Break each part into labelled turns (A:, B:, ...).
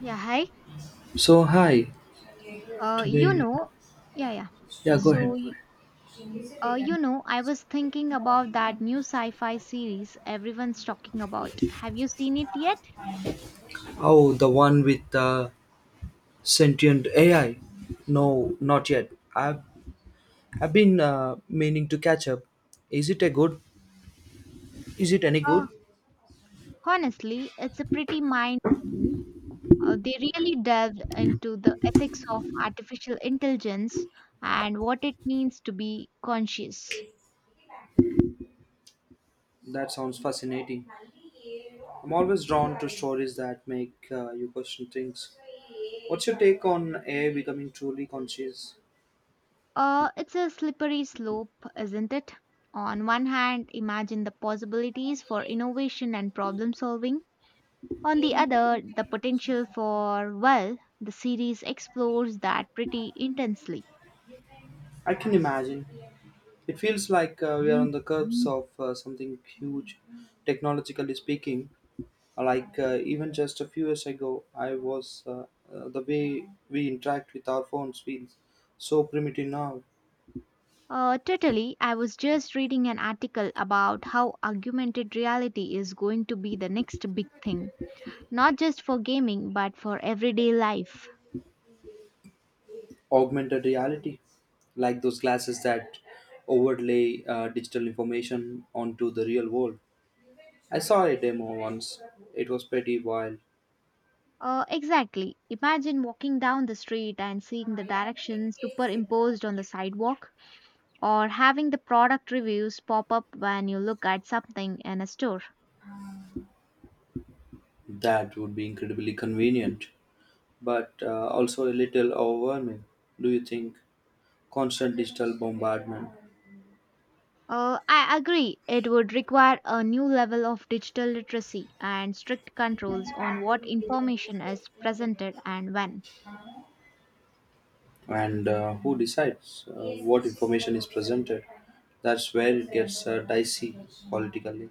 A: Yeah, hi.
B: So hi,
A: Uh, you
B: today,
A: know, yeah, yeah.
B: yeah, go
A: So,
B: ahead. Go
A: y-
B: ahead.
A: I was thinking about that new sci-fi series everyone's talking about. Have you seen it yet?
B: Oh, the one with the sentient AI? No, not yet. I've been meaning to catch up. Is it a good? Is it any
A: Uh,
B: good?
A: honestly, it's a pretty mind-bending. They really delved into the ethics of artificial intelligence and what it means to be conscious.
B: That sounds fascinating. I'm always drawn to stories that make you question things. What's your take on AI becoming truly conscious?
A: It's a slippery slope, isn't it? On one hand, imagine the possibilities for innovation and problem solving. On the other, the potential for, well, the series explores that pretty intensely.
B: I can imagine. It feels like we are on the curbs of something huge, technologically speaking. Like even just a few years ago, I was the way we interact with our phones feels so primitive now.
A: Totally, I was just reading an article about how augmented reality is going to be the next big thing, not just for gaming but for everyday life.
B: Augmented reality, like those glasses that overlay digital information onto the real world. I saw a demo once. It was pretty wild.
A: Exactly. Imagine walking down the street and seeing the directions superimposed on the sidewalk, or having the product reviews pop up when you look at something in a store.
B: That would be incredibly convenient, but also a little overwhelming. Do you think constant digital bombardment
A: I agree. It would require a new level of digital literacy and strict controls on what information is presented and when.
B: and who decides what information is presented. That's where it gets dicey politically,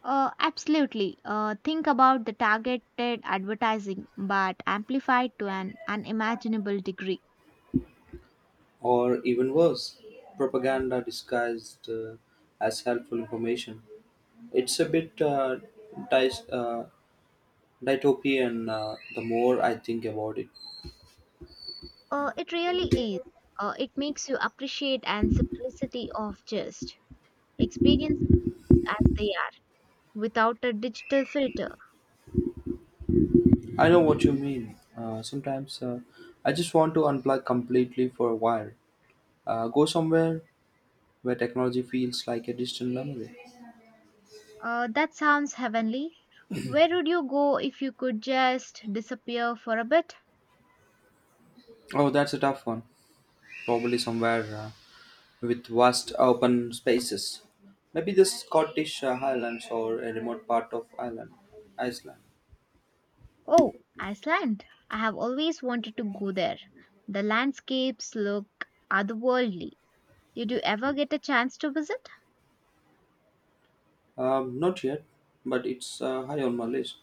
A: Absolutely. Think about the targeted advertising, but amplified to an unimaginable degree.
B: or even worse, propaganda disguised as helpful information. It's a bit dis- uh, dystopian the more I think about it.
A: It really is. It makes you appreciate and simplicity of just experiences as they are without a digital filter.
B: I know what you mean. Sometimes I just want to unplug completely for a while, go somewhere where technology feels like a distant memory.
A: That sounds heavenly. Where would you go if you could just disappear for a bit?
B: Oh, that's a tough one. Probably somewhere with vast open spaces. Maybe the Scottish Highlands or a remote part of Ireland, Iceland.
A: Oh, Iceland. I have always wanted to go there. The landscapes look otherworldly. Did you ever get a chance to visit?
B: Not yet, but it's high on my list.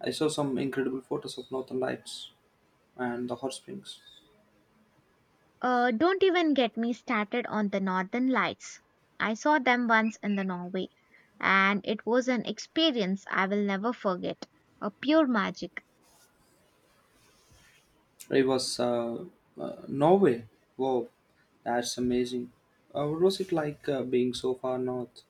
B: I saw some incredible photos of Northern Lights and the hot springs.
A: Don't even get me started on the northern lights. I saw them once in the Norway, and it was an experience I will never forget. A pure magic.
B: It was Norway. Wow, that's amazing. What was it like being so far north?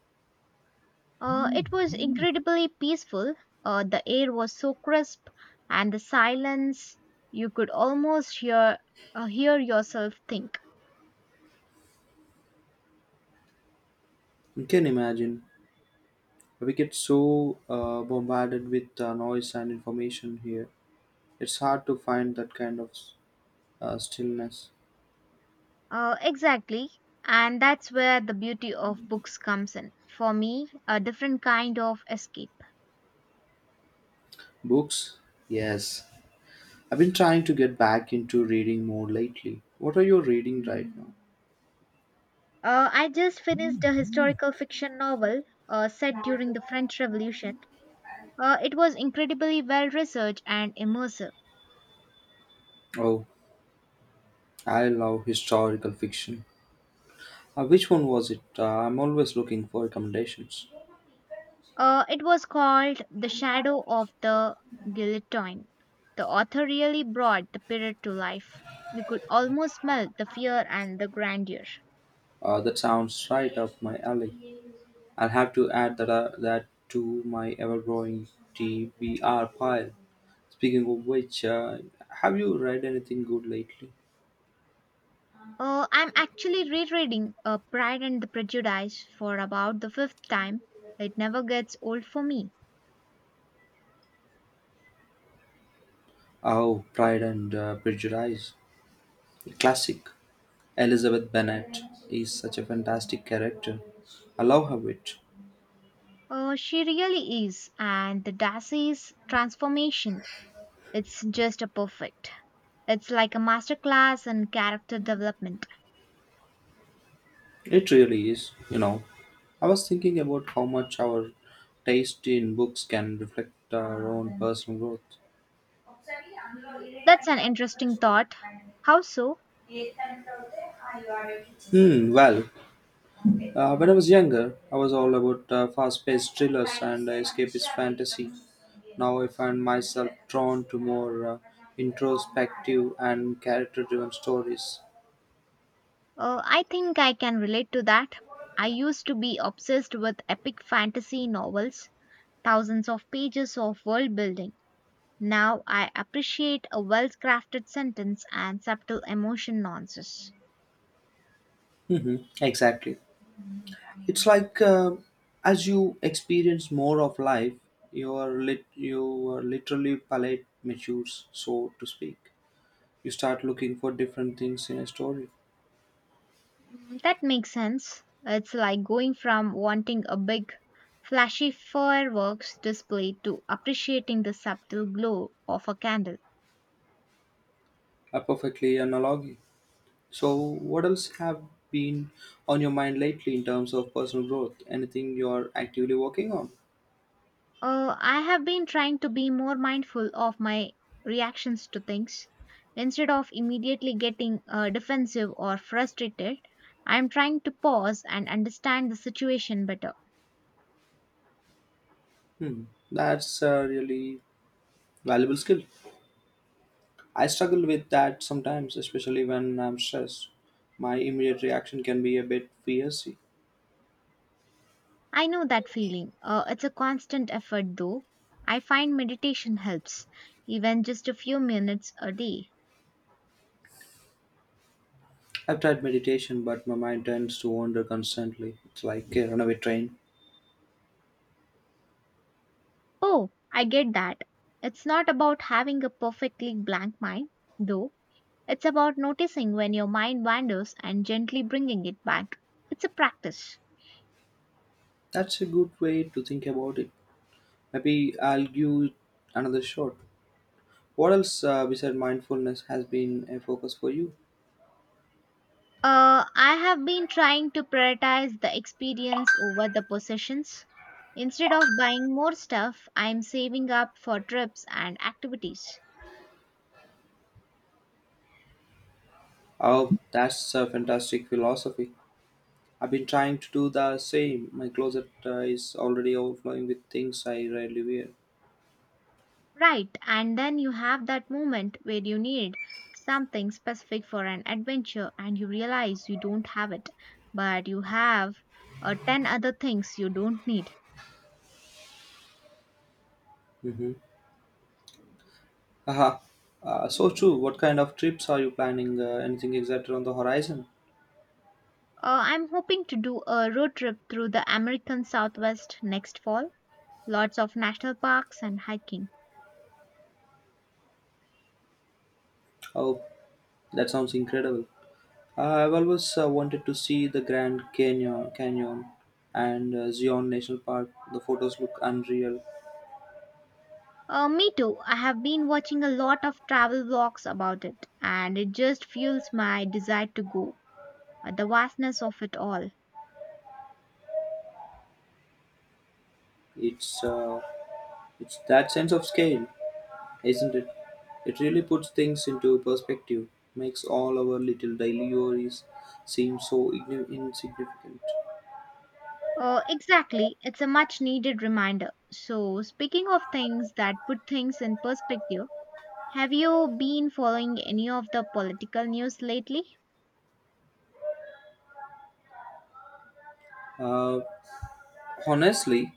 A: It was incredibly peaceful. The air was so crisp, and the silence you could almost hear hear yourself think.
B: You can imagine. We get so bombarded with noise and information here. It's hard to find that kind of stillness.
A: Exactly, and that's where the beauty of books comes in. For me, a different kind of escape.
B: Books? Yes. I've been trying to get back into reading more lately. What are you reading right now?
A: I just finished a historical fiction novel set during the French Revolution. It was incredibly well researched and immersive.
B: Oh, I love historical fiction. Which one was it? I'm always looking for recommendations.
A: It was called The Shadow of the Guillotine. The author really brought the period to life. You could almost smell the fear and the grandeur.
B: That sounds right up my alley. I'll have to add that to my ever growing TBR pile. Speaking of which, have you read anything good lately?
A: I'm actually rereading Pride and the Prejudice for about the fifth time. It never gets old for me.
B: Oh, Pride and Prejudice. Classic. Elizabeth Bennet is such a fantastic character. I love her wit.
A: She really is, and the Darcy's transformation, it's just a perfect. It's like a masterclass in character development.
B: It really is, you know. I was thinking about how much our taste in books can reflect our own personal growth.
A: Mm, that's an interesting thought. How so?
B: Hmm, well, when I was younger, I was all about fast paced thrillers and escapist fantasy. Now I find myself drawn to more introspective and character driven stories.
A: I think I can relate to that. I used to be obsessed with epic fantasy novels, thousands of pages of world building. Now I appreciate a well crafted sentence and subtle emotion nuances.
B: Hmm. Exactly. It's like as you experience more of life, your literally palette matures, so to speak. You start looking for different things in a story.
A: Mm, that makes sense. It's like going from wanting a big, flashy fireworks display to appreciating the subtle glow of a candle.
B: A perfectly analogy. So, what else have been on your mind lately in terms of personal growth? Anything you're actively working on?
A: I have been trying to be more mindful of my reactions to things. Instead of immediately getting defensive or frustrated, I am trying to pause and understand the situation better.
B: Hmm, that's a really valuable skill. I struggle with that sometimes, especially when I'm stressed. My immediate reaction can be a bit fierce.
A: I know that feeling. It's a constant effort, though. I find meditation helps, even just a few minutes a day.
B: I've tried meditation, but my mind tends to wander constantly. It's like a runaway train.
A: Oh, I get that. It's not about having a perfectly blank mind, though it's about noticing when your mind wanders and gently bringing it back. It's a practice.
B: That's a good way to think about it. Maybe I'll give it another shot. What else besides mindfulness has been a focus for you?
A: I have been trying to prioritize the experience over the possessions. Instead of buying more stuff, I'm saving up for trips and activities.
B: Oh, that's a fantastic philosophy. I've been trying to do the same. My closet is already overflowing with things I rarely wear.
A: Right, and then you have that moment where you need something specific for an adventure and you realize you don't have it, but you have 10 other things you don't need.
B: Mm-hmm. Haha. So true. What kind of trips are you planning? Anything exact on the horizon?
A: I'm hoping to do a road trip through the American Southwest next fall. Lots of national parks and hiking.
B: Oh, that sounds incredible. I've always wanted to see the Grand Canyon and Zion National Park. The photos look unreal.
A: Me too. I have been watching a lot of travel vlogs about it, and it just fuels my desire to go. The vastness of it all.
B: It's uh, it's that sense of scale, isn't it? It really puts things into perspective, makes all our little daily worries seem so insignificant.
A: Exactly. It's a much needed reminder. So, speaking of things that put things in perspective, have you been following any of the political news lately?
B: Uh, honestly,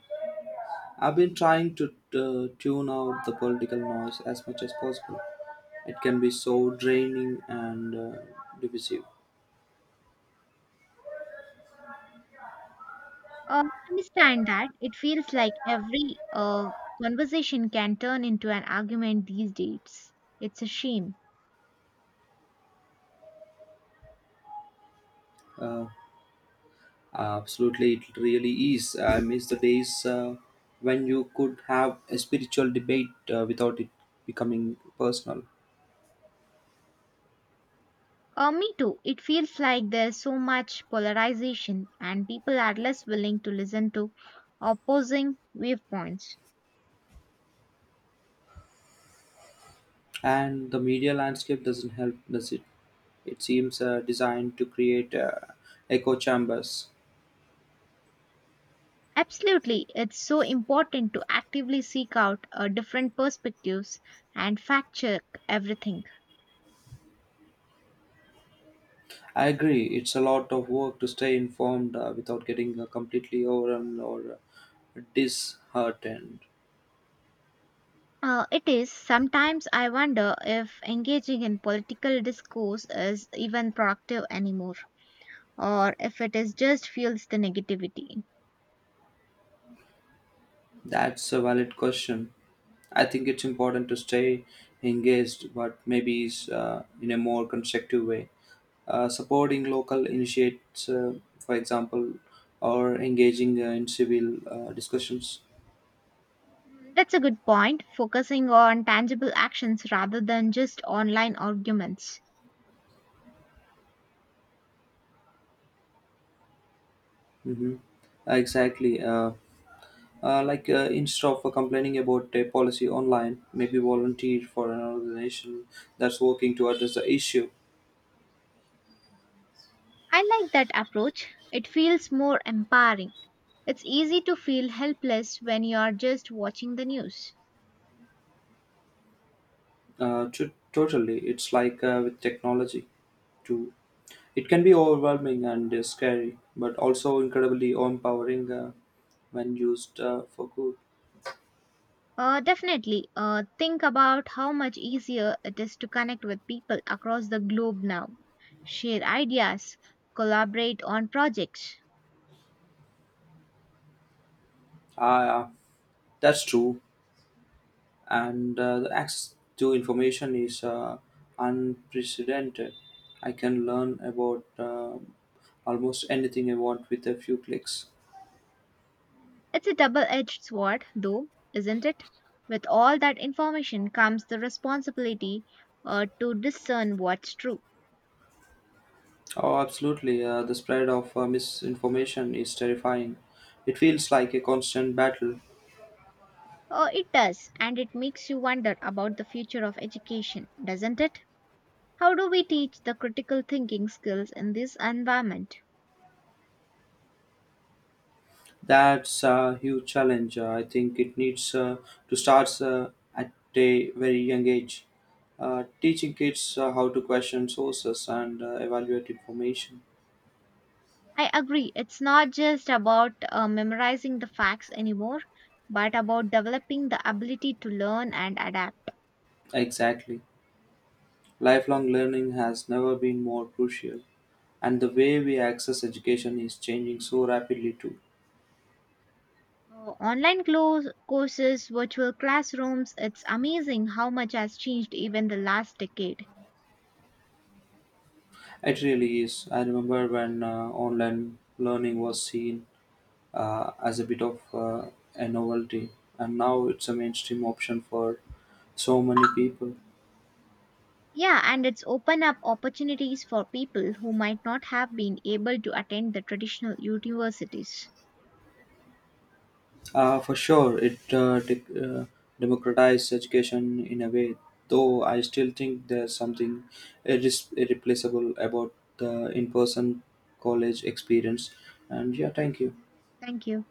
B: I've been trying to tune out the political noise as much as possible. It can be so draining and divisive.
A: I understand that. It feels like every conversation can turn into an argument these days. It's a shame.
B: Uh, absolutely, it really is. I miss the days when you could have a spiritual debate without it becoming personal.
A: Me too. It feels like there's so much polarization and people are less willing to listen to opposing viewpoints.
B: And the media landscape doesn't help, does it? It seems designed to create echo chambers.
A: Absolutely, it's so important to actively seek out different perspectives and fact check everything.
B: I agree, it's a lot of work to stay informed without getting completely overwhelmed or disheartened.
A: It is. Sometimes I wonder if engaging in political discourse is even productive anymore, or if it is just fuels the negativity.
B: That's a valid question. I think it's important to stay engaged, but maybe it's in a more constructive way. Supporting local initiates, for example, or engaging in civil discussions.
A: That's a good point, focusing on tangible actions rather than just online arguments.
B: Mm-hmm. Exactly. Like instead of complaining about a policy online, maybe volunteer for an organization that's working to address the issue.
A: I like that approach. It feels more empowering. It's easy to feel helpless when you are just watching the news.
B: Totally, it's like with technology too. It can be overwhelming and scary, but also incredibly empowering when used for good.
A: Definitely, think about how much easier it is to connect with people across the globe now share ideas, collaborate on projects.
B: Ah, yeah, that's true. And the access to information is unprecedented. I can learn about almost anything I want with a few clicks.
A: It's a double edged sword, though, isn't it? With all that information comes the responsibility to discern what's true.
B: Oh, absolutely. The spread of misinformation is terrifying. It feels like a constant battle.
A: Oh, it does, and it makes you wonder about the future of education, doesn't it? How do we teach the critical thinking skills in this environment?
B: That's a huge challenge. I think it needs to start at a very young age. Teaching kids how to question sources and evaluate information.
A: I agree, it's not just about memorizing the facts anymore, but about developing the ability to learn and adapt.
B: Exactly. Lifelong learning has never been more crucial, and the way we access education is changing so rapidly too.
A: Online close courses, virtual classrooms, it's amazing how much has changed even the last decade.
B: It really is. I remember when online learning was seen as a bit of a novelty, and now it's a mainstream option for so many people.
A: Yeah, and it's opened up opportunities for people who might not have been able to attend the traditional universities.
B: For sure, it dec democratized education in a way, though I still think there's something irreplaceable about the in person college experience. And yeah, thank you.
A: Thank you.